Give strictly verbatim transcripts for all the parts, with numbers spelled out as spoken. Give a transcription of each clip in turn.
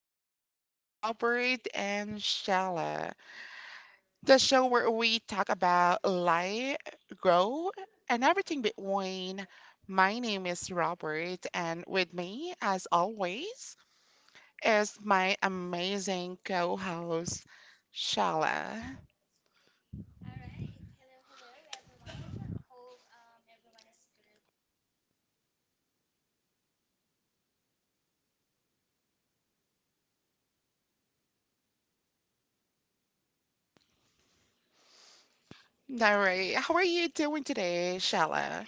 podcast Robert and Shella, the show where we talk about life, growth, and everything between. My name is Robert, and with me, as always, is my amazing co-host Shella. All right, how are you doing today, Shella?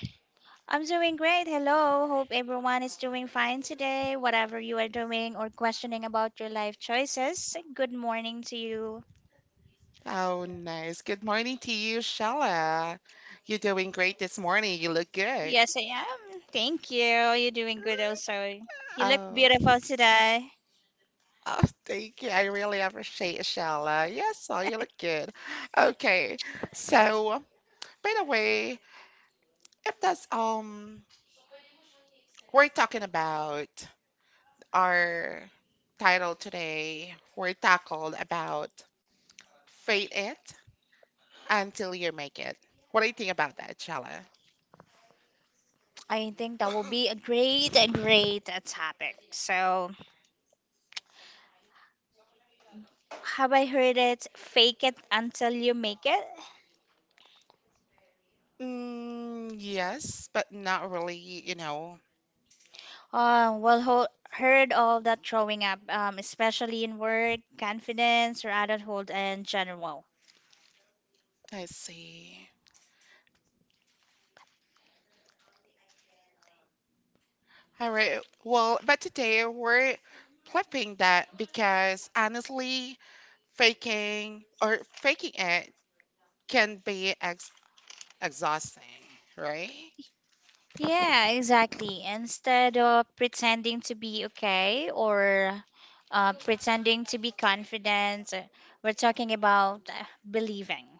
I'm doing great. Hello. Hope everyone is doing fine today, whatever you are doing or questioning about your life choices. Good morning to you. Oh, nice. Good morning to you, Shala. You're doing great this morning. You look good. Yes, I am. Thank you. You're doing good also. You look Oh, beautiful today. oh, thank you. I really appreciate it, Shala. Yes, oh, you look good. Okay, so by the way, if that's um, we're talking about our title today. We're tackled about fake it until you make it. What do you think about that, Shala? I think that will be a great, a great uh, topic. So, have I heard it? Fake it until you make it. Mm, yes, but not really, you know. Uh, well, ho heard all that growing up, um, especially in work, confidence, or adulthood in general. I see. All right. Well, but today we're flipping that because honestly, faking or faking it can be ex exhausting, right? Yeah, exactly. Instead of pretending to be okay or uh, pretending to be confident, uh, we're talking about uh, believing,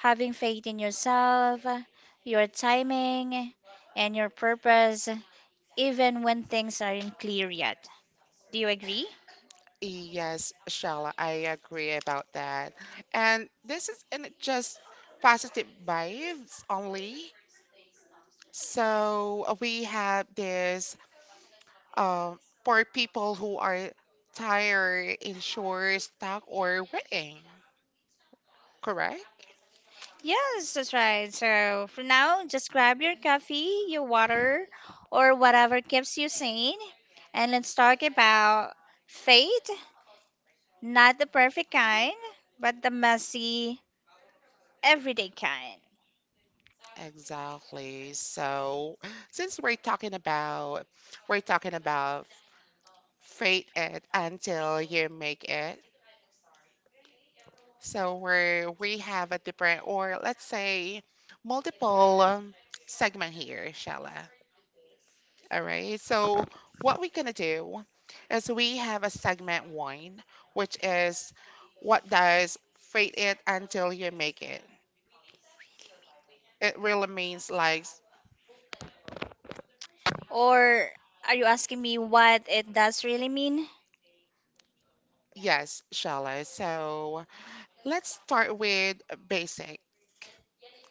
having faith in yourself, uh, your timing, and your purpose, even when things aren't clear yet. Do you agree? Yes, Shala, I agree about that. And this isn't just positive vibes only. So we have this um, for people who are tired, insured, stuck, or waiting. Correct? Yes, that's right. So for now, just grab your coffee, your water, or whatever keeps you sane, and let's talk about faith. Not the perfect kind, but the messy, everyday kind. Exactly. So, since we're talking about we're talking about fate it until you make it. So we're we have a different, or let's say multiple um, segment here, Shella. All right. So what we're gonna do is we have a segment one, which is what does fake it until you make it. It really means like Or are you asking me what it does really mean? yes, shallow. So let's start with basic.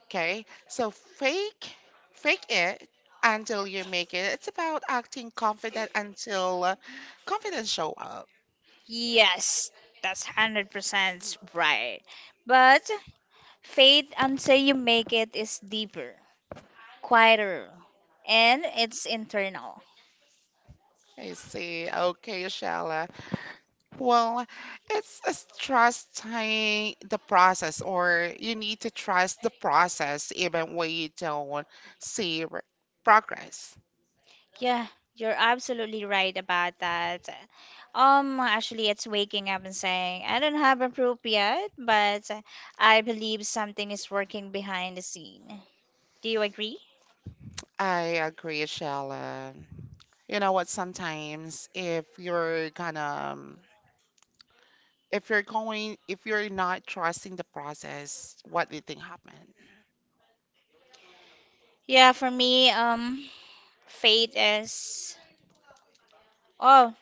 Okay. So fake fake it until you make it. It's about acting confident until uh, confidence show up. Yes, that's one hundred percent right. But faith until you make it is deeper, quieter, and it's internal. I see. Okay, shallow. Well, it's, it's trusting the process, or you need to trust the process even when you don't see r- progress. Yeah, you're absolutely right about that. Um, actually, it's waking up and saying, I don't have a proof yet, but I believe something is working behind the scene. Do you agree? I agree, Shella. You know what? Sometimes if you're gonna, um, if you're going, if you're not trusting the process, what do you think happened? Yeah, for me, um, faith is. Oh,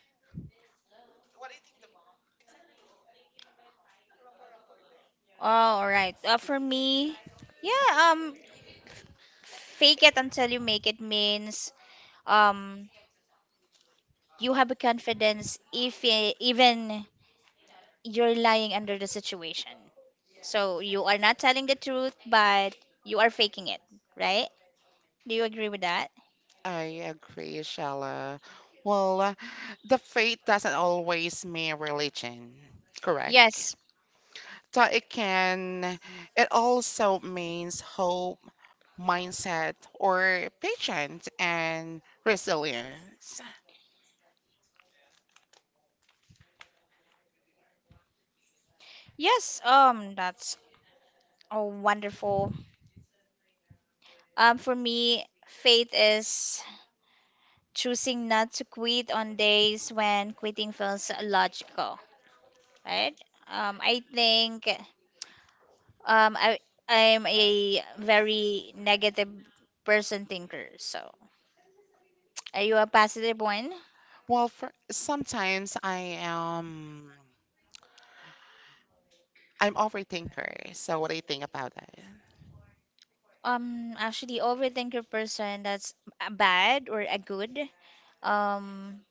oh, all right. Uh, for me, yeah, um, fake it until you make it means um you have a confidence if eh, even you're lying under the situation. So you are not telling the truth, but you are faking it, right? Do you agree with that? I agree, Shella. Well, the faith doesn't always mean religion, correct? Yes. So it can, it also means hope, mindset, or patience and resilience. Yes, um, that's a wonderful. Um, for me, faith is choosing not to quit on days when quitting feels logical, right? Um, I think um, I I'm a very negative person thinker. So, are you a positive one? Well, for, sometimes I am, I'm overthinker. So what do you think about that? Um, actually, overthinker person. That's a bad or a good. Um,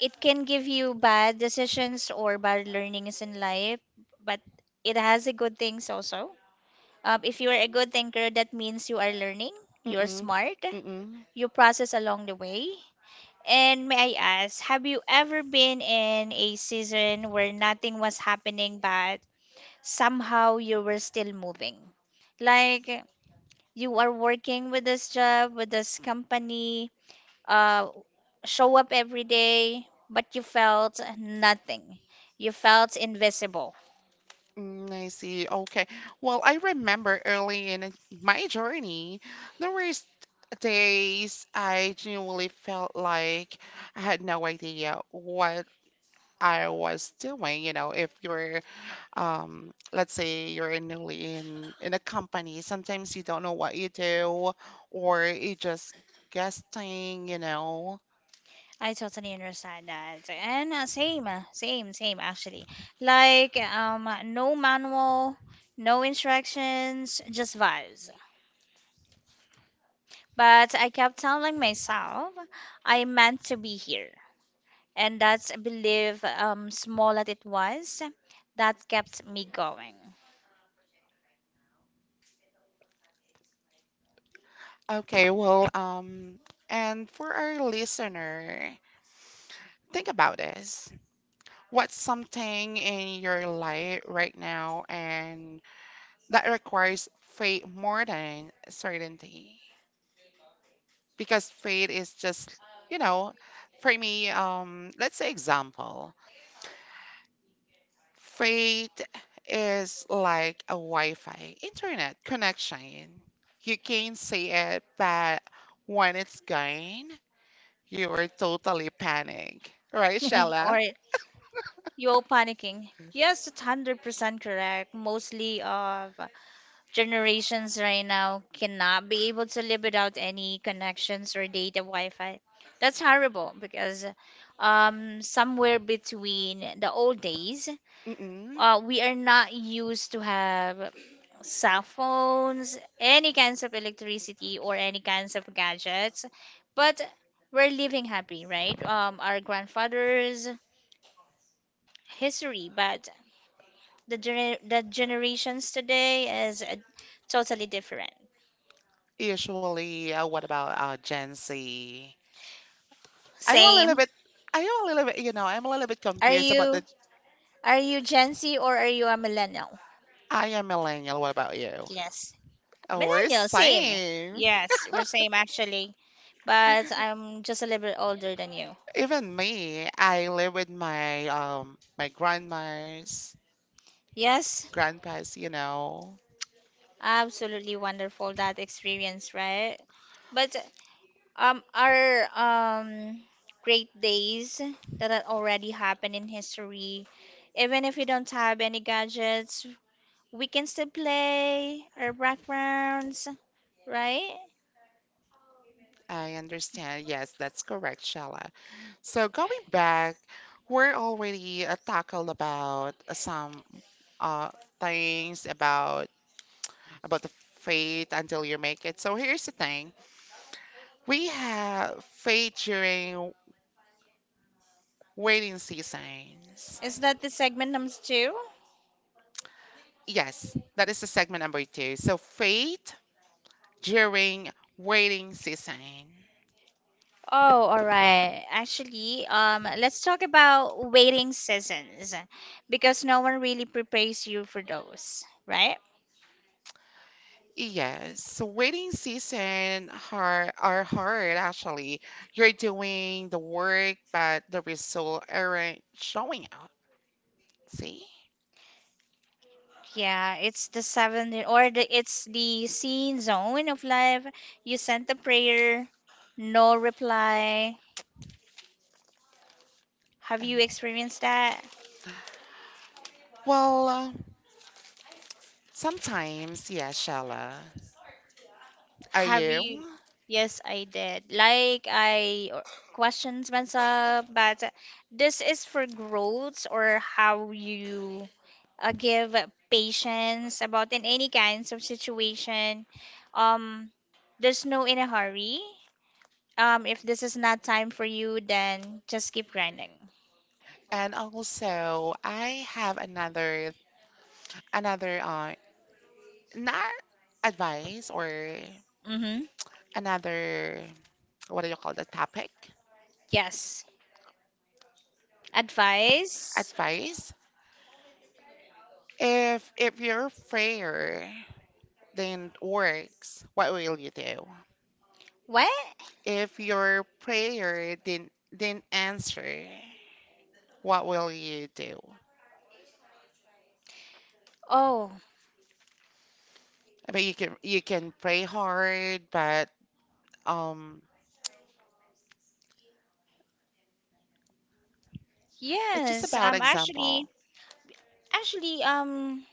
it can give you bad decisions or bad learnings in life, but it has a good things also. Um, if you are a good thinker, that means you are learning, you're Mm-mm, smart, mm-mm. you process along the way? And may I ask, have you ever been in a season where nothing was happening, but somehow you were still moving? Like you are working with this job, with this company, uh, show up every day, but you felt nothing. You felt invisible. Mm, I see. Okay. Well, I remember early in my journey, there were s- days I genuinely felt like I had no idea what I was doing. You know, if you're, um, let's say you're newly in in a company, sometimes you don't know what you do, or you just guessing. You know. I totally understand that. And uh, same, uh, same, same actually. Like um no manual, no instructions, just vibes. But I kept telling myself I meant to be here. And that's a belief, um, small as it was, that kept me going. Okay, well, um, and for our listener, think about this. What's something in your life right now and that requires faith more than certainty? Because faith is just, you know, for me, um, let's say example, faith is like a Wi-Fi internet connection. You can see it, but when it's gone, you are totally panic, right, Shella? Or you're panicking. Yes, it's one hundred percent correct. Mostly of generations right now cannot be able to live without any connections or data Wi-Fi. That's horrible because um, somewhere between the old days, Mm-mm. uh, we are not used to have cell phones, any kinds of electricity or any kinds of gadgets, but we're living happy, right? Um, our grandfather's history, but the gener- the generations today is uh, totally different. Usually, uh, what about uh, Gen Z? I'm a little Same. bit, I'm a little bit, you know, I'm a little bit Are confused about you the. are you Gen Z or are you a millennial? I am millennial. What about you? Yes. Oh, we're Millennial, same. same. Yes, we're same actually. But I'm just a little bit older than you. Even me, I live with my um my grandmas, Yes, grandpas, you know. absolutely wonderful that experience, right? But um our um great days that had already happened in history, even if we don't have any gadgets, we can still play our backgrounds, right? I understand. Yes, that's correct, Shala. So going back, we're already uh, tackled about uh, some uh things about about the faith until you make it. So here's the thing. We have faith during waiting seasons. Is that the segment number two? Yes, that is the segment number two. So faith during waiting season. Oh, all right. Actually, um, let's talk about waiting seasons because no one really prepares you for those, right? Yes, waiting season are are hard actually. You're doing the work, but the result aren't showing out. See? Yeah, it's the seventh or the it's the scene zone of life. You sent the prayer, no reply. Have Um, you experienced that? Well, uh, sometimes, yeah, Shala. Are Have you? you? Yes, I did. Like I o- questions myself, but this is for growth or how you uh, give patience about in any kinds of situation. Um, there's no in a hurry. Um, if this is not time for you, then just keep grinding. And also, I have another another uh not advice or Mm-hmm. another, what do you call, the topic? Yes. Advice. Advice. If if you're prayer didn't works, what will you do? What? If your prayer didn't didn't answer, what will you do? Oh, I mean, you can you can pray hard, but um, it's just yes. about Um, actually, example. Actually, um.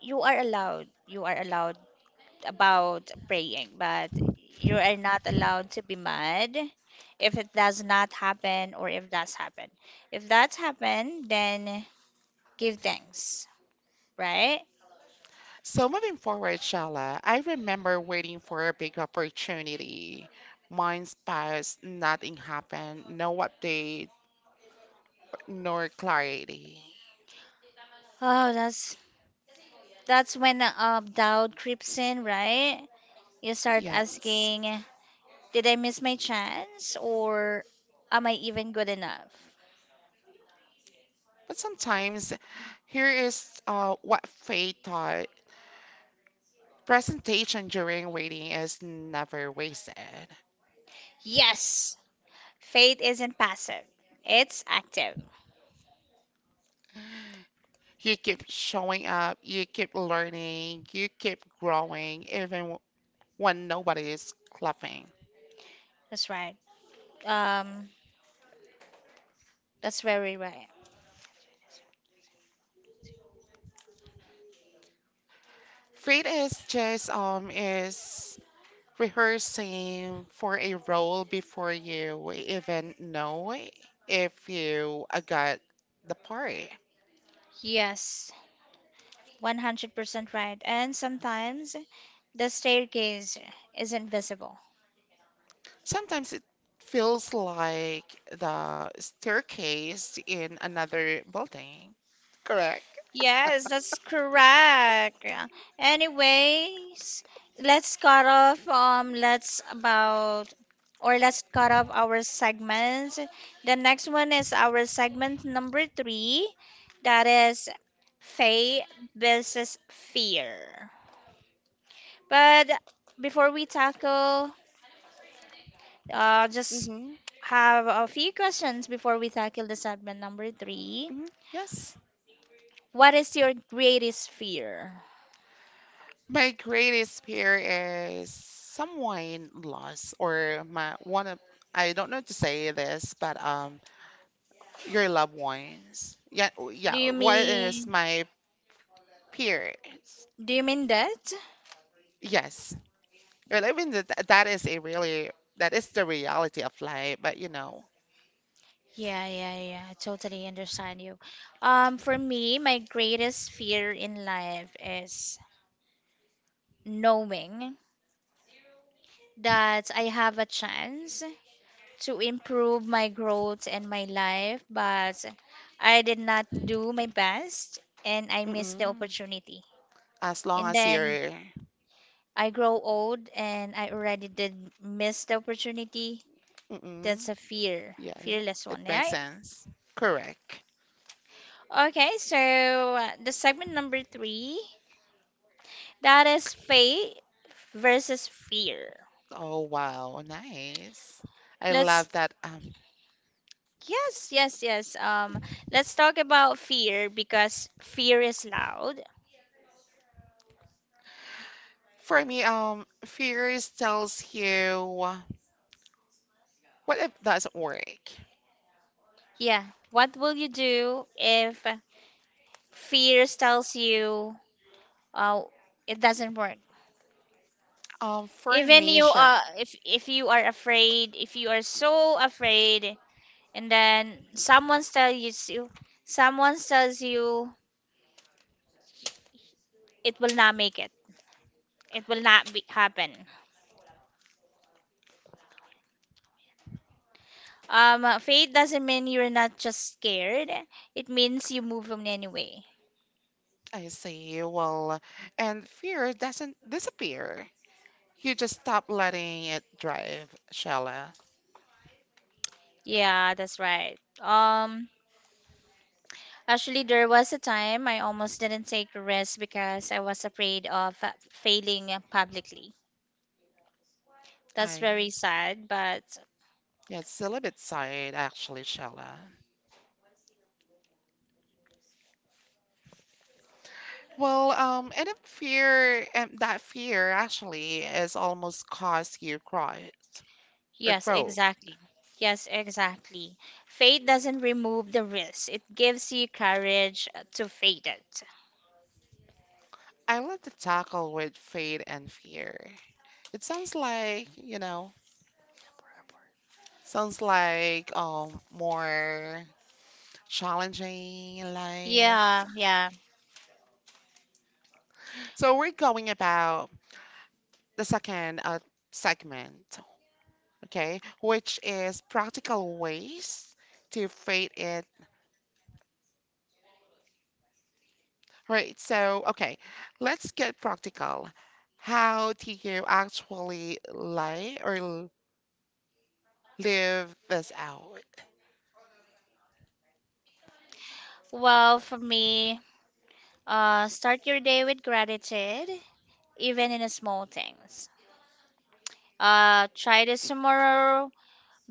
You are allowed, you are allowed about praying, but you are not allowed to be mad if it does not happen. Or if that's happened, if that's happened then give thanks, right? So moving forward, Shala, I remember waiting for a big opportunity. Mine's passed, nothing happened, no update, nor clarity. Oh, that's that's when uh, doubt creeps in, right? You start Yes. asking, did I miss my chance, or am I even good enough? But sometimes, here is uh, what Faye taught. Presentation during waiting is never wasted. Yes, faith isn't passive, it's active. You keep showing up, you keep learning, you keep growing, even when nobody is clapping. That's right. um That's very right. Faith is just um is rehearsing for a role before you even know if you uh, got the part. Yes, one hundred percent right. And sometimes the staircase is invisible. Sometimes it feels like the staircase in another building. Correct. Yes, that's correct. Anyways, let's cut off um let's about or let's cut off our segments. The next one is our segment number three, that is faith versus fear. But before we tackle, uh just Mm-hmm. have a few questions before we tackle the segment number three. Hmm. Yes. What is your greatest fear? My greatest fear is someone lost or my one of, I don't know to say this, but um your loved ones. Yeah, oh, Do yeah. you What is mean my fear? do you mean that? Yes. Well, I mean that that is a really, that is the reality of life, but you know. Yeah, yeah, yeah. I totally understand you. Um, for me, my greatest fear in life is knowing that I have a chance to improve my growth and my life, but I did not do my best and I missed the Mm-mm. opportunity. As long And as then you're, I grow old and I already did miss the opportunity. mm-mm, That's a fear, yeah, fearless it one, makes right? sense. Correct. Okay, so uh, the segment number three, that is faith versus fear. Oh wow, nice. I Let's love that. Um, yes, yes, yes. Um, let's talk about fear because fear is loud. For me, um, fears tells you what if doesn't work. Yeah. What will you do if fear tells you, oh, it doesn't work? Um, for Even me, you Shell, uh if if you are afraid, if you are so afraid and then someone tells you someone tells you it will not make it, it will not be happen. Um uh, faith doesn't mean you're not just scared, it means you move on anyway. I see. Well, and fear doesn't disappear. You just stop letting it drive, Shella. Yeah, that's right. Um actually, there was a time I almost didn't take a risk because I was afraid of uh, failing publicly. That's very I sad, but yeah, it's a little bit sad actually, Shella. Well, um, and if fear, and that fear actually is almost caused you growth or yes, growth. exactly. Yes, exactly. Faith doesn't remove the risk, it gives you courage to face it. I love to tackle with faith and fear. It sounds like, you know, sounds like um more challenging. Yeah, life. Yeah, yeah. So we're going about the second uh, segment, okay, which is practical ways to fade it. Right. So, okay, let's get practical. How do you actually lie or l- live this out? Well, for me, uh, start your day with gratitude, even in the small things. Uh, try this tomorrow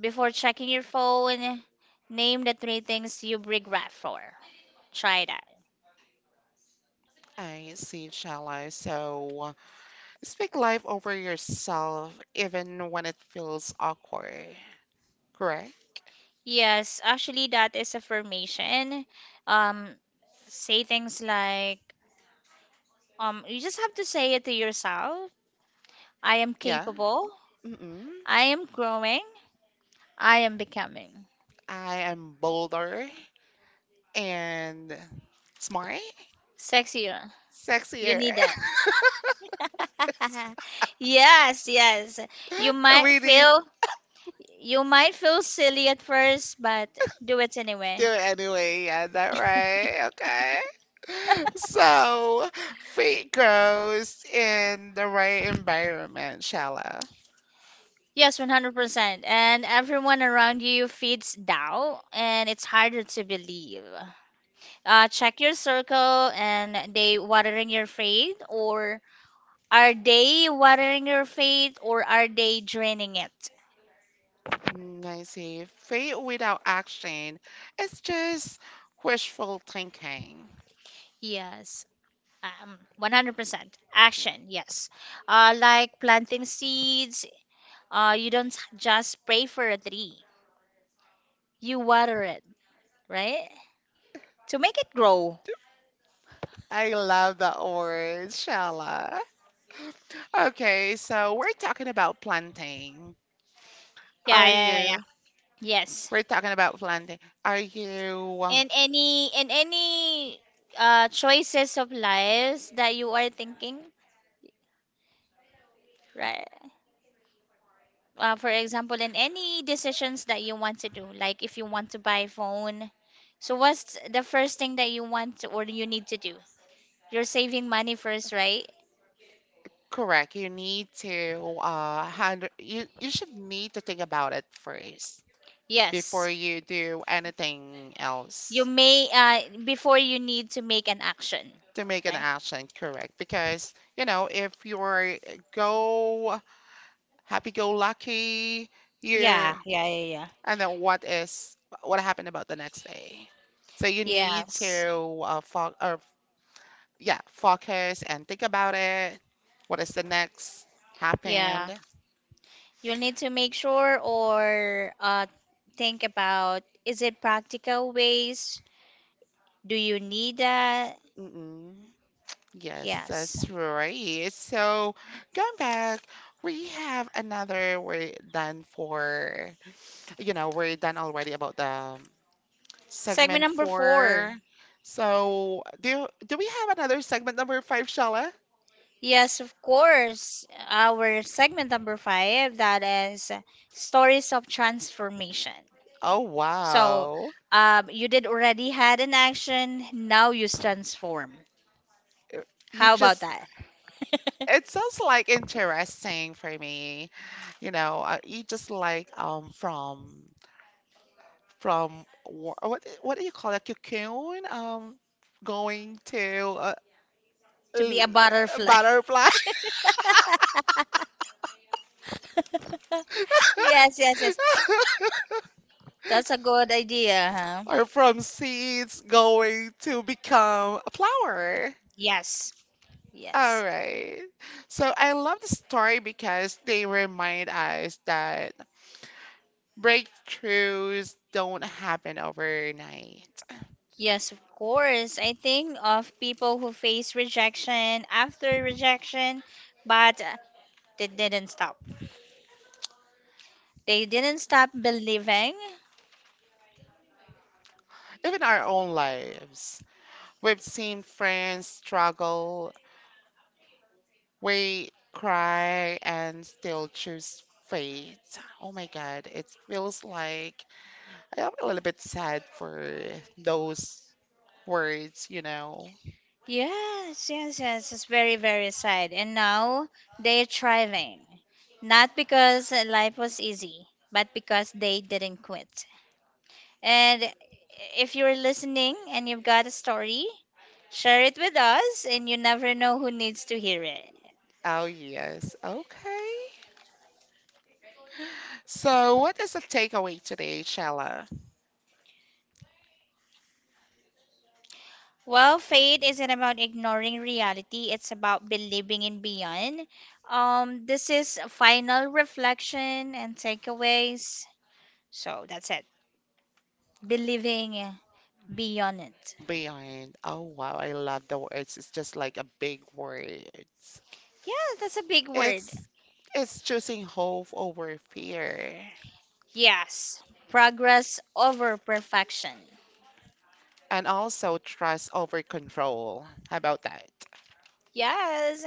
before checking your phone. Name the three things you regret for. Try that. I see shallow. So, speak life over yourself even when it feels awkward. Correct? Yes, actually, that is affirmation. Um, Say things like, Um, you just have to say it to yourself. I am Yeah. capable. Mm-mm. I am growing. I am becoming I am bolder and smart, sexier. You sexier. need that. Yes, yes. You might We need. feel you might feel silly at first, but Do do it anyway. it anyway. Yeah, is that right? Okay. So, faith grows in the right environment, Shala. Yes, one hundred percent. And everyone around you feeds doubt, and it's harder to believe. Uh, check your circle, and they watering your faith, or are they watering your faith or are they draining it? Mm, I see. Faith without action, it's just wishful thinking. Yes. Um, one hundred percent. Action, yes. Uh, like planting seeds, uh, you don't just pray for a tree, you water it, right? To make it grow. I love that word, Shala. Okay, so we're talking about planting. Yeah, Are yeah, yeah, yeah. you? Yes. We're talking about planting. Are you? And any and any uh choices of lives that you are thinking, right? Uh, for example, in any decisions that you want to do, like if you want to buy a phone, so what's the first thing that you want to, or you need to do? You're saving money first, right? Correct. You need to uh hand you you should need to think about it first before Yes. you do anything You else may uh, before you need to make an action, to make an right? action, correct? Because, you know, if you're go happy go lucky, you're Yeah, yeah, yeah, yeah. and then what is what happened about the next day? So you need Yes. to uh, fo or yeah, focus and think about it. What is the next Yeah, happened? you'll need to make sure or uh, think about, is it practical ways? Do you need that? Mm-mm. Yes, Yes. that's right. So going back, we have another we're done for, you know, we're done already about the Segment segment number four. four. So do do we have another segment number five, Shala? Yes, of course. Our segment number five, that is uh, stories of transformation. Oh So, wow. um, you did already had an action, now you transform. Uh, you How about just that? it sounds like interesting for me. You know, uh, you just like um from from wha- what what do you call it? Cocoon um going to uh, To be a l- butterfly. butterfly. Yes, yes, yes. That's a good idea, huh? Are from seeds going to become a flower. Yes, yes. All right. So I love the story because they remind us that breakthroughs don't happen overnight. Yes, of course. I think of people who face rejection after rejection, but uh, they didn't stop. They didn't stop believing. Even our own lives. We've seen friends struggle, we cry, and still choose faith. Oh my God, it feels like I am a little bit sad for those words, you know. Yes, yes, yes. It's very, very sad. And now they're thriving. Not because life was easy, but because they didn't quit. And if you're listening and you've got a story, share it with us, and you never know who needs to hear it. Oh, yes. Okay. So, what is the takeaway today, Shella? Well, faith isn't about ignoring reality, it's about believing in beyond. Um, this is a final reflection and takeaways. So that's it. Believing beyond it. Beyond. Oh, wow. I love the words. It's just like a big words. Yeah, that's a big word. It's it's choosing hope over fear Yes. Progress over perfection. and also trust over control. How about that? Yes.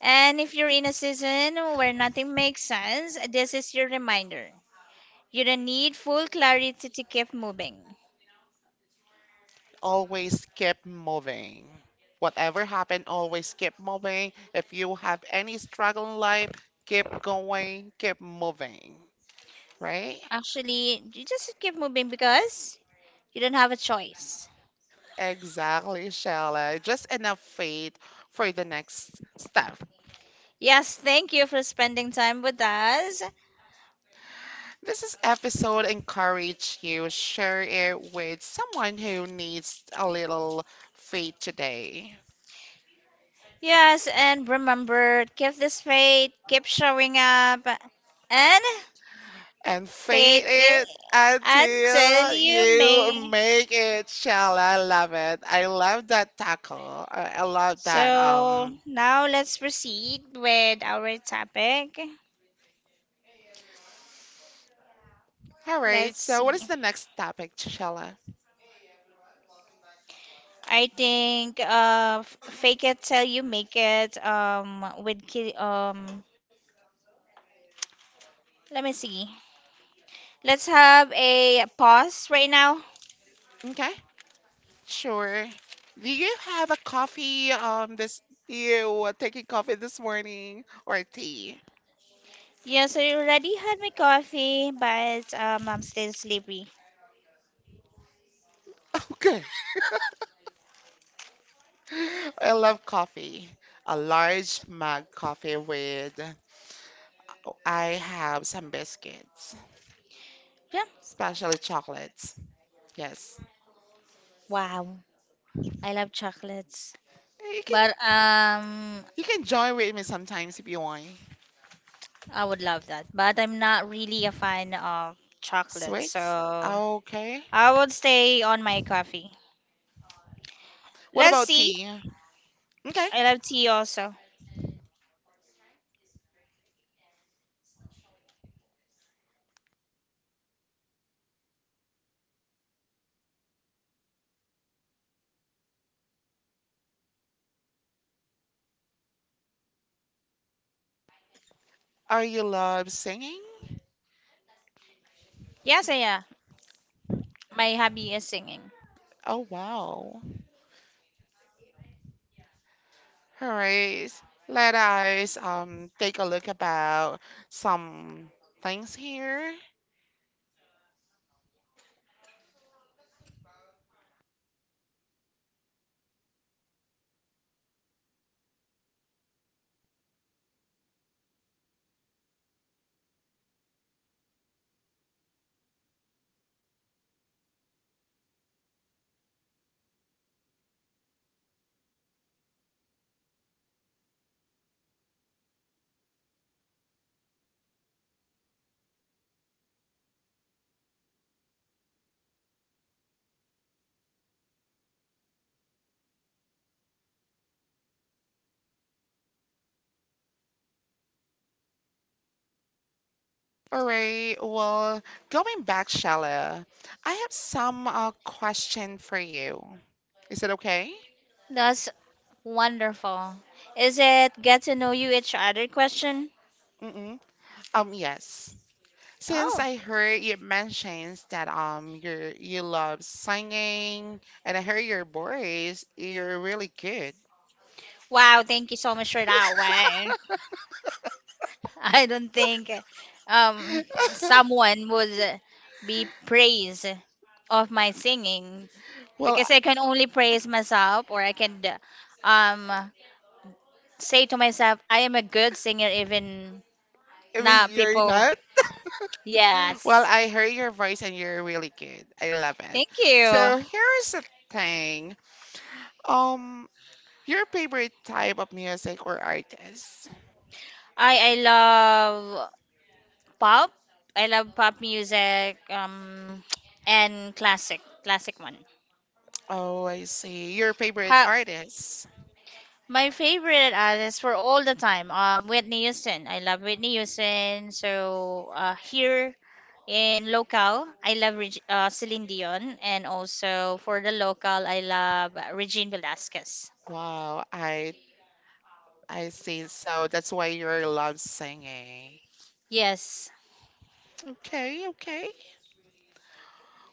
And if you're in a season where nothing makes sense, this is your reminder. You don't need full clarity to keep moving. Always keep moving. Whatever happened, always keep moving. If you have any struggle in life, keep going, keep moving, right? Actually, you just keep moving because you don't have a choice. Exactly, Shella. Just enough faith for the next step. Yes, thank you for spending time with us. This is episode encourage you share it with someone who needs a little faith today. Yes, and remember, keep this faith, keep showing up, and And feed faith it it until until you you may. make it. Shall I love it? I, love that tackle. I, I love that. Um. So now let's proceed with our topic. All right. Let's So, what is see. the next topic, Shella? I think uh, f- fake it till you make it. Um, with ki- um, let me see. Let's have a pause right now. Okay. Sure. Do you have a coffee? Um. This you uh, taking coffee this morning or tea? Yes, I already had my coffee, but um, I'm still sleepy. Okay. I love coffee. A large mug coffee with. I have some biscuits, Yeah. especially chocolates. Yes. Wow. I love chocolates. Eh, you can But um, you can join with me sometimes if you want. I would love that. But I'm not really a fan of chocolate, Sweets? so Okay. I would stay on my coffee. What Let's about see. tea? Okay. I love tea also. Are you love singing? Yes, yeah. My hobby is singing. Oh wow. Alright. Let us um take a look about some things here. Alright, well, going back, Shala, I have some uh, question for you. Is it okay? That's wonderful. Is it get to know you each other question? Mm-mm. Um, yes. Since Oh. I heard you mentions that um you you love singing and I heard your voice, you're really good. Wow, thank you so much for that one. I don't think um someone would be praised of my singing Well, because I can only praise myself, or I can um say to myself I am a good singer even I mean not you're people. not. Yes. Well, I heard your voice and you're really good. I love it. Thank you. So here's the thing. Um, your favorite type of music or artist? I I love pop. I love pop music, um, and classic, classic one. Oh, I see. Your favorite Ha, artist. my favorite artist for all the time, um, Whitney Houston. I love Whitney Houston. So uh, here in local, I love Reg- uh, Celine Dion, and also for the local, I love uh, Regine Velasquez. Wow, I I see. So that's why you love singing. Yes. Okay, okay.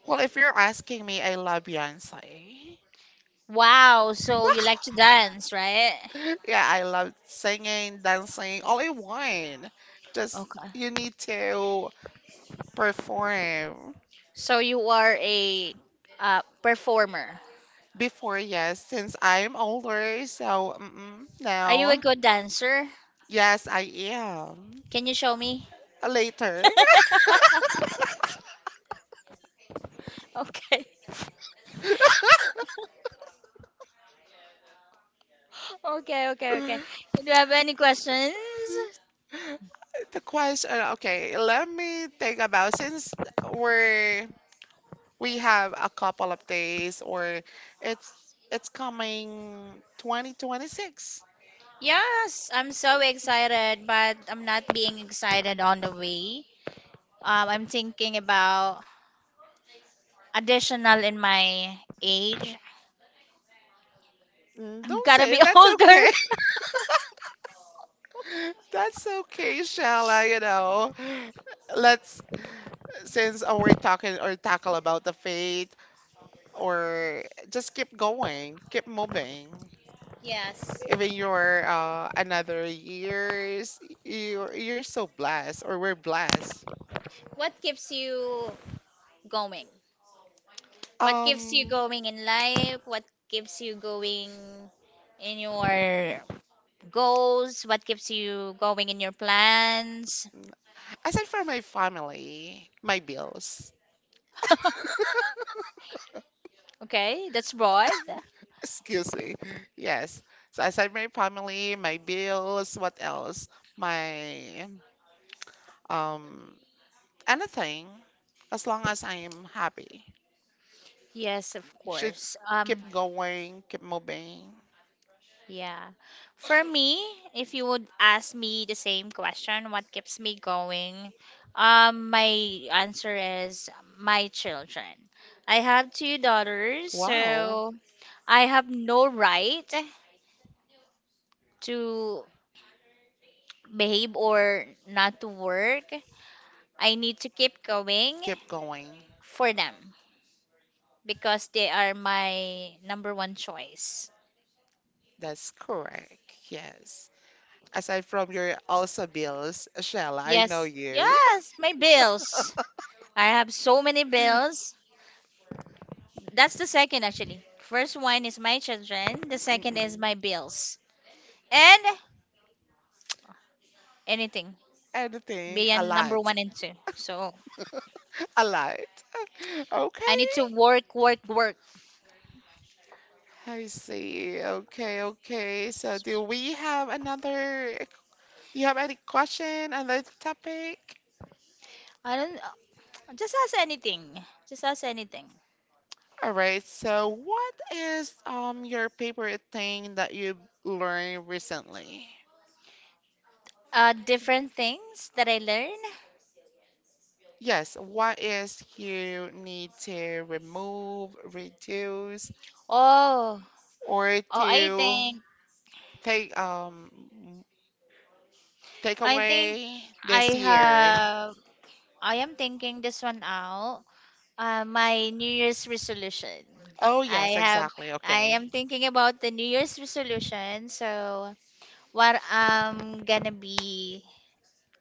Well, if you're asking me, I love Beyonce. Wow. So you like to dance, right? Yeah, I love singing, dancing, all in one. Just Okay. you need to perform. So you are a uh, performer. Before, yes, since I'm older, so mm-mm, Are you a now, good dancer? yes, I am. Can you show me? Later. Okay. Okay, okay, okay. Do you have any questions? The question, okay, let me think about since we're we have a couple of days, or it's it's coming twenty twenty-six. Yes, I'm so excited, but I'm not being excited on the way. Um, I'm thinking about additional in my age. Mm, I'm don't gonna say be it. That's older. okay. That's okay, Shella, you know. Let's, since we're talking or tackle about the faith, or just keep going, keep moving. Yes. Even your uh, another years, you're, you're so blessed, or we're blessed. What keeps you going? What Um, keeps you going in life? What keeps you going in your goals? What keeps you going in your plans? aside from my family, my bills. Okay, that's broad. Excuse me. Yes. So aside my family, my bills, what else? My um anything. As long as I am happy. Yes, of Should course. Um, keep going, keep moving. yeah. For me, if you would ask me the same question, what keeps me going? Um, my answer is my children. I have two daughters, Wow, so I have no right to behave or not to work. I need to keep going keep going. for them, because they are my number one choice. That's correct. Yes. Aside from your also bills, Shella, I know Yes, you. yes, my bills. I have so many bills. That's the second actually. First one is my children. The second is Mm-mm. my bills and anything Anything, a beyond number lot. one and two. So A lot. I Okay. need to work, work, work. I see. Okay, okay. So do we have another, do you have any question on this topic? I don't just ask anything. Just ask anything. All right. So what is um your favorite thing that you learned recently? Uh, different things that I learn. Yes, what is you need to remove, reduce, Oh, or oh, I to think, take um take I think away I this year? have. I am thinking this one out. Uh, my New Year's resolution. Oh I yes, have. exactly. I am Okay. thinking about the New Year's resolution. So what I'm gonna be,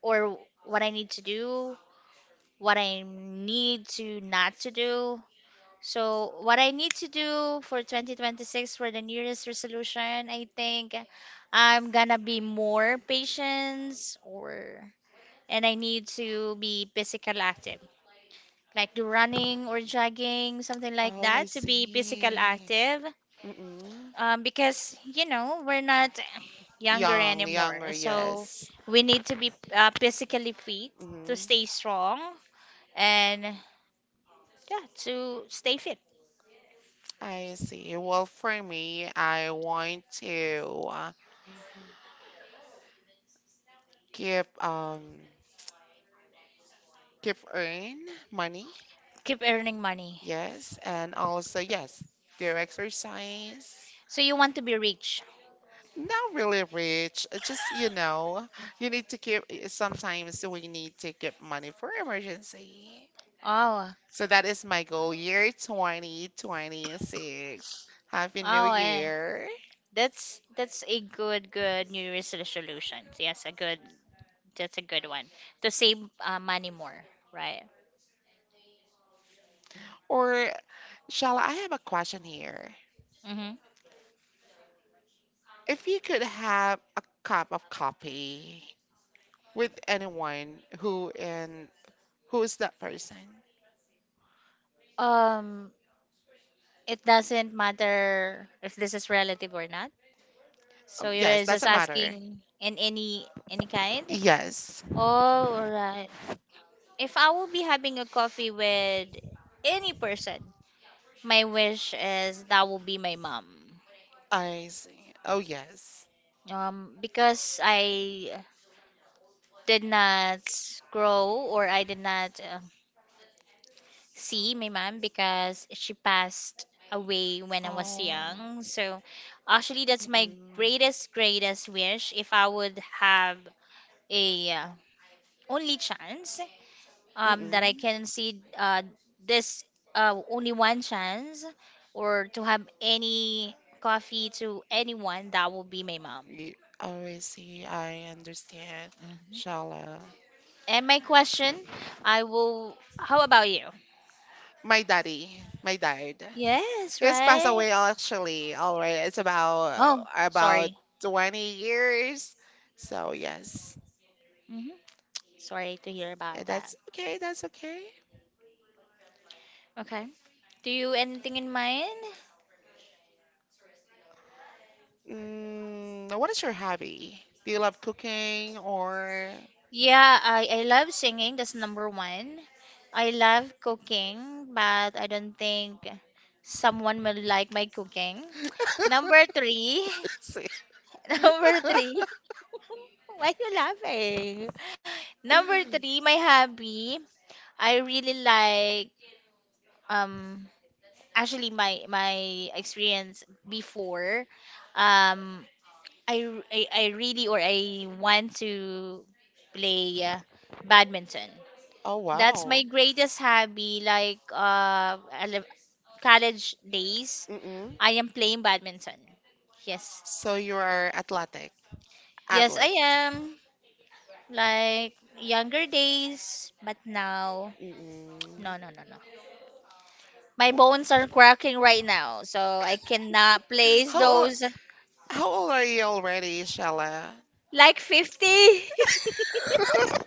or what I need to do, what I need to not to do. So what I need to do for twenty twenty-six for the New Year's resolution, I think I'm gonna be more patient, or and I need to be physical active, like do running or jogging, something like Oh, I that, to be physical see. active. Mm-mm. Um, because you know we're not younger Young, anymore, younger, so yes. we need to be uh, physically fit Hmm. to stay strong and yeah, to stay fit, I see. Well, for me, I want to uh, keep um keep earn money. keep earning money. Yes, and also yes, do exercise. So you want to be rich? Not really rich. uh, Just you know, you need to keep. Sometimes we need to keep money for emergency. Oh, So that is my goal year twenty twenty-six. Happy New oh, eh. Year. That's that's a good good New Year's resolution. Yes, a good, that's a good one to save uh, money more, right? Or, Shala, I have a question here. Mm-hmm. If you could have a cup of coffee with anyone, who and who is that person? Um, it doesn't matter if this is relative or not. Um, So yes, you're just doesn't matter. asking in any any kind? Yes, Oh, alright. If I will be having a coffee with any person, my wish is that will be my mom. I see. Oh, yes. Um, because I did not grow, or I did not uh, see my mom because she passed away when I was Oh, young. So actually, that's my mm-mm. greatest, greatest wish if I would have a uh, only chance, um, that I Mm-mm. can see uh, this uh, only one chance, or to have any coffee to anyone, that will be my mom. Ye- Oh, I see. I understand. Mhm. Shala. And my question, I will. How about you? My daddy. My dad. Yes, He's passed right. away actually already. It's Oh, about about sorry. twenty years. So yes, Hmm. Sorry to hear and about that. that's okay. That's okay. Okay. Do you anything in mind? Mm, what is your hobby? Do you love cooking or? Yeah, I, I love singing. That's number one. I love cooking, but I don't think someone will like my cooking. Number three, See. number three. Why you laughing? Number three, my hobby. I really like um actually my my experience before. Um, I, r- I- I really, or I want to play uh, badminton. Oh That's wow. my greatest hobby. Like uh, ele- college days, Mm-mm. I am playing badminton. Yes, So you are athletic, yes, I athlete. am. Like younger days, but now, Mm-mm. no, no, no, no. My bones Wh- are cracking right now, so I cannot place How o- those how old are you already, Shella? like fifty.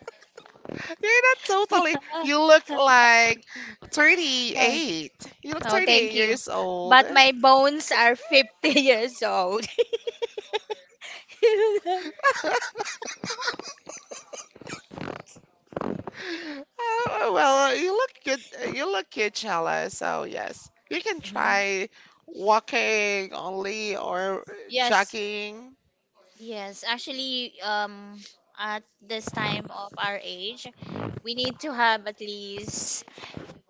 You're not totally. You look like thirty-eight. You look Oh, thirty-eight thank you. years old. But my bones are fifty years old. Oh, well, you look good. You look good, Chella. So yes, you can try walking only or Yes, jogging. yes. Actually, um, at this time of our age, we need to have at least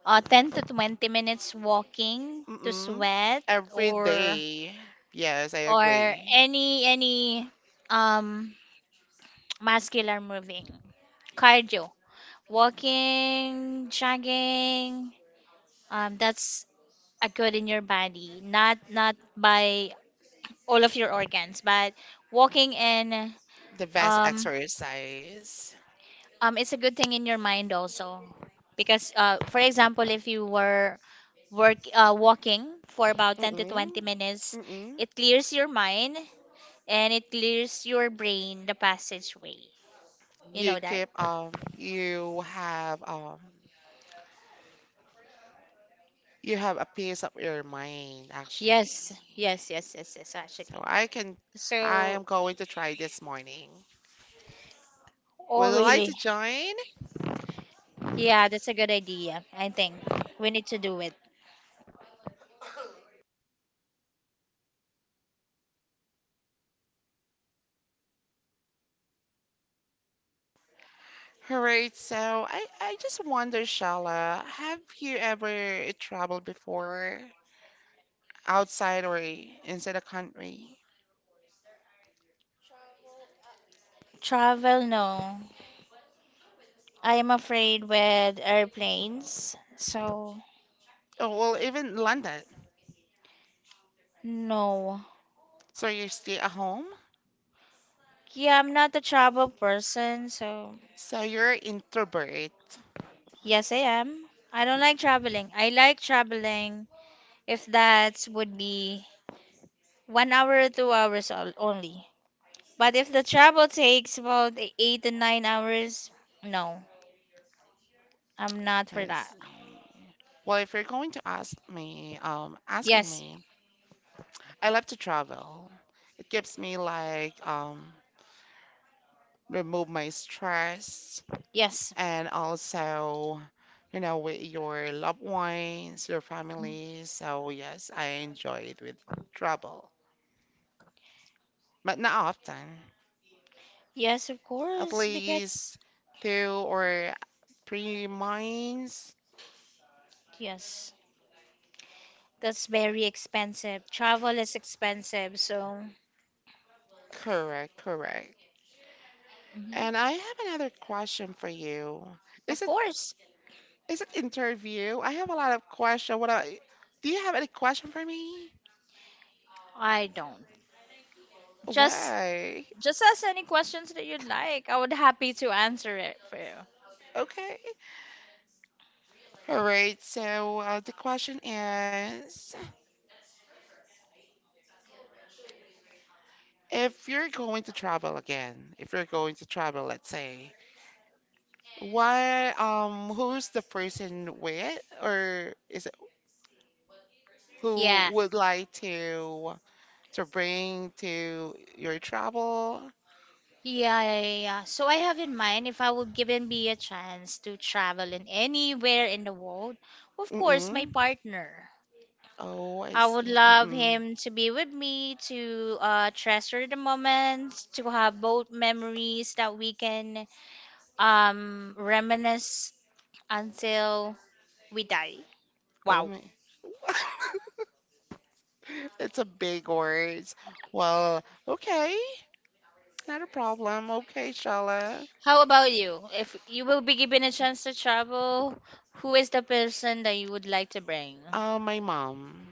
uh, ten to twenty minutes walking to Mm-mm. sweat, Every or day. Yes, I or agree. any any um muscular moving, cardio, walking, jogging, um that's a good in your body, not not by all of your organs, but walking in The best um exercise. um it's a good thing in your mind also, because uh for example, if you were work uh, walking for about ten to twenty Mm-mm. minutes, Mm-mm. it clears your mind and it clears your brain, the passageway, you You know that. keep um you have um you have a piece of your mind Yes, actually. yes, yes, yes, yes, So actually. I can I So am going to try this morning. Would oh you like really, to join? yeah, that's a good idea. I think we need to do it. Alright, so I, I just wonder, Shala, have you ever traveled before outside or inside the country? Travel, no. I am afraid with airplanes. So, Oh, well, even London. no. So you stay at home? Yeah, I'm not a travel person. So, So you're introvert. yes, I am. I don't like traveling. I like traveling if that would be one hour or two hours al- only. But if the travel takes about e-, eight to nine hours, no, I'm not for I that. see. Well, if you're going to ask me, um, asking Yes, me, I love to travel. It gives me like um remove my stress yes, and also you know with your loved ones, your family. So yes, I enjoy it with travel, but not often. yes, of At course, because least two or three months. yes. That's very expensive. Travel is expensive, so Correct, correct. And mhm. I have another question for you. Is Of it course, is it interview? I have a lot of question. What I, do you have any question for me? I don't. Just Why? just ask any questions that you'd like. I would happy to answer it for you. Okay. All right. So uh, the question is, if you're going to travel again, if you're going to travel, let's say, why? Um, who's the person with, or is it who Yeah, would like to to bring to your travel? yeah, yeah, yeah, yeah. So I have in mind, if I would given me a chance to travel in anywhere in the world, of course, my Mm-mm. partner. Oh, I I would see. love Mm-mm. him to be with me, to uh, treasure the moments, to have both memories that we can um, reminisce until we die. Oh my. It's a big word. Well, okay. Not a problem. Okay, Shala. How about you? If you will be given a chance to travel, who is the person that you would like to bring? Uh, my mom.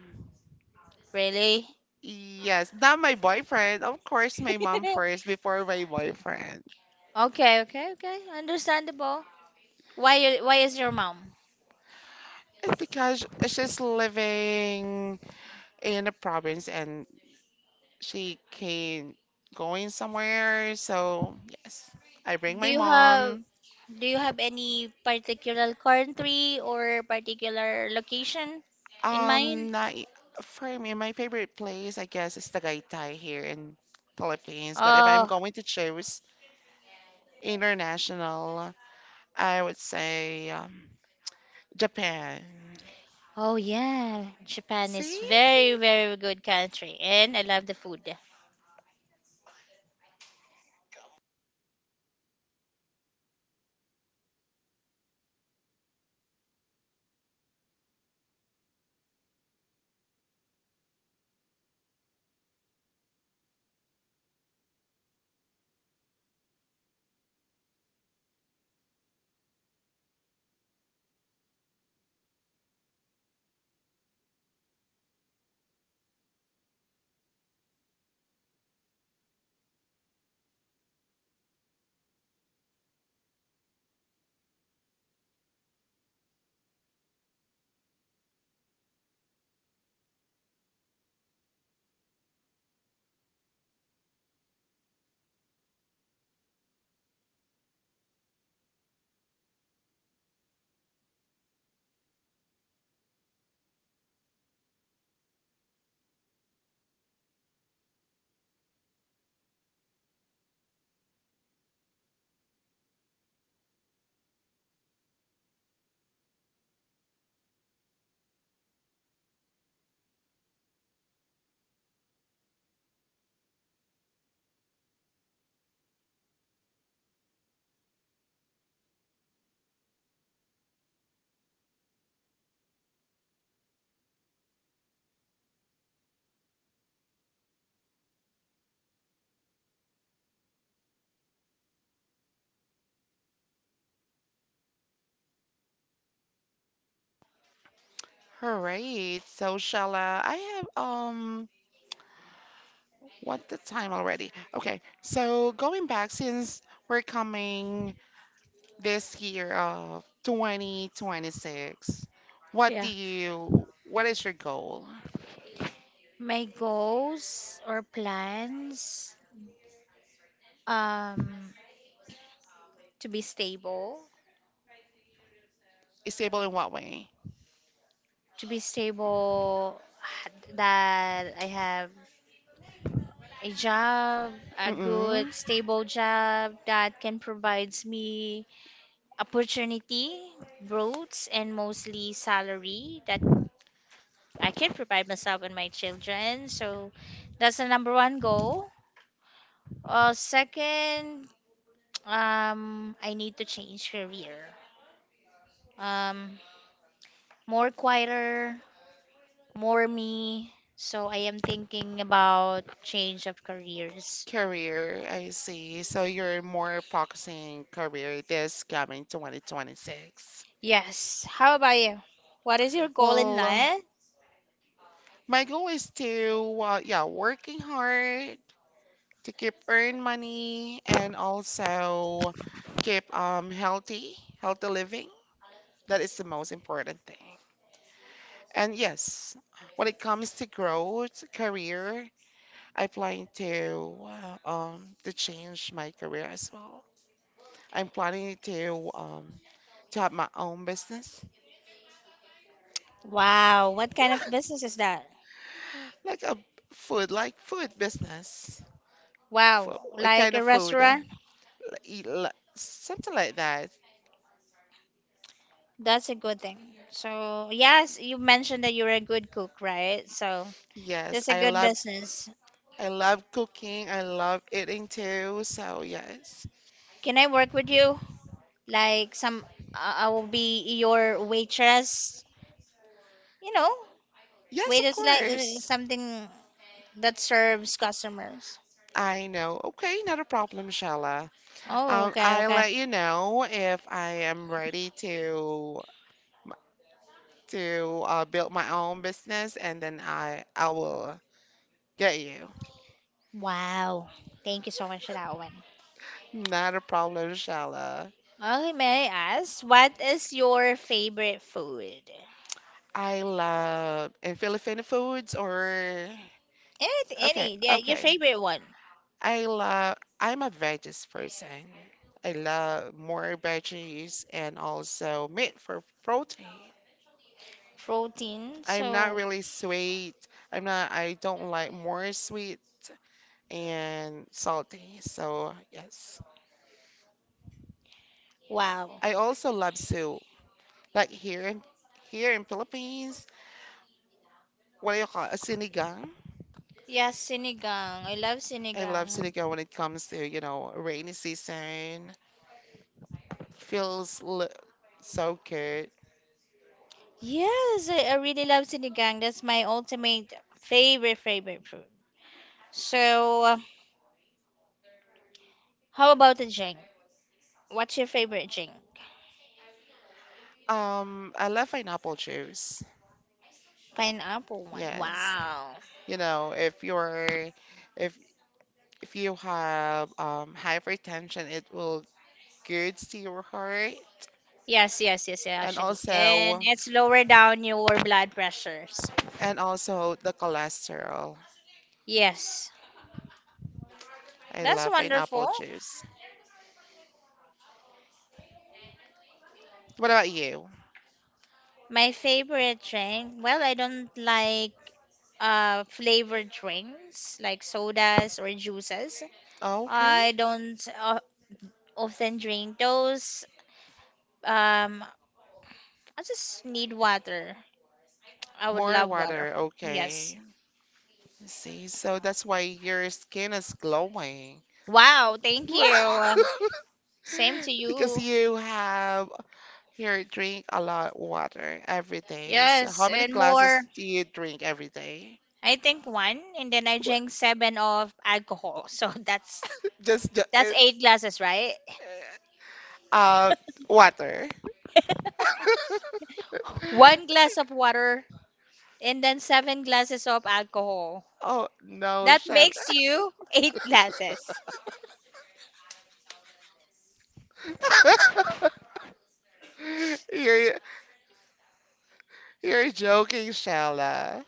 Really? Yes, not my boyfriend. Of course, my mom first before my boyfriend. Okay, okay, okay. Understandable. Why you- why is your mom? It's because she's living in a province and she can going somewhere. So yes, I bring Do my you have, mom. do you have any particular country or particular location in Um, mind? not, for me, my favorite place, I guess, is the Tagaytay here in Philippines. But if I'm Oh, going to choose international, I would say um, Japan. oh yeah. Japan is See? very, very good country and I love the food. All right. So shall uh, I have um what the time already? Okay. So going back since we're coming this year of twenty twenty-six, what do Yeah. you what is your goal? My goals or plans, um to be stable, Stable in what way? to be stable, h- that I have a job, a good Mm-mm. stable job that can provides me opportunity, growth, and mostly salary that I can provide myself and my children. So that's the number one goal. Uh, second, um, I need to change career. Um, more quieter, more me. So I am thinking about change of careers. Career, I see. So you're more focusing career this coming twenty twenty-six. Yes. How about you? What is your goal in Well, life? my goal is to uh, yeah, working hard to keep earn money and also keep um healthy, healthy living. That is the most important thing. And yes, when it comes to growth, career, I plan to uh, um to change my career as well. I'm planning to um to have my own business, Wow. What kind of business is that? like a food, like food business, food, Wow. what Like kind a of food? restaurant? Like, eat li- something like that. That's a good thing. So, yes, you mentioned that you're a good cook, right? So, Yes, that's a I good love business. I love cooking. I love eating too. So, yes. Can I work with you? Like some, I I will be your waitress. You know, Yes, of waitress like uh, course. something that serves customers. I know. Okay, not a problem, Shala. Oh, Um, okay, I'll okay. let you know if I am ready to to uh, build my own business, and then I I will get you. Wow. Thank you so much for that one. Not a problem, Shala. Okay, may I ask, what is your favorite food? I love and Filipino foods or Any, okay, any, yeah, your okay. favorite one. I love, I'm a veggies person. I love more veggies and also meat for protein. Protein, I'm not so, really sweet. I'm not, I don't like more sweet and salty. So, yes. wow. I also love soup. Like here in here in Philippines, what do you call it? Sinigang. Yeah, sinigang. I love I sinigang. love sinigang when it comes to, you know, rainy season. Feels l so good. Yes, I, I really love sinigang. That's my ultimate favorite, favorite food. So, how about the drink? What's your favorite drink? Um, I love pineapple juice. Pineapple one. Yes. Wow. You know, if you're if if you have um hypertension, it will good to your heart Yes, yes, yes, yeah, and actually. And also it's lower down your blood pressures. and also the cholesterol. Yes. I That's love pineapple wonderful. juice. What about you? My favorite drink, well, I don't like uh flavored drinks like sodas or juices. Okay. I don't uh, often drink those. Um, I just need water. I would More love water. water. Yes. Okay. See, so that's why your skin is glowing. Wow, thank you. Same to Because you. you have here, drink a lot water every day. So how Yes, many and glasses more, do you drink every day? I think one, and then I Wha- drank seven of alcohol. So that's Just, that's ju- eight glasses, right? uh, uh, water. One glass of water and then seven glasses of alcohol. Oh, no, That Shella. makes you eight glasses. You're, you're joking, Shella.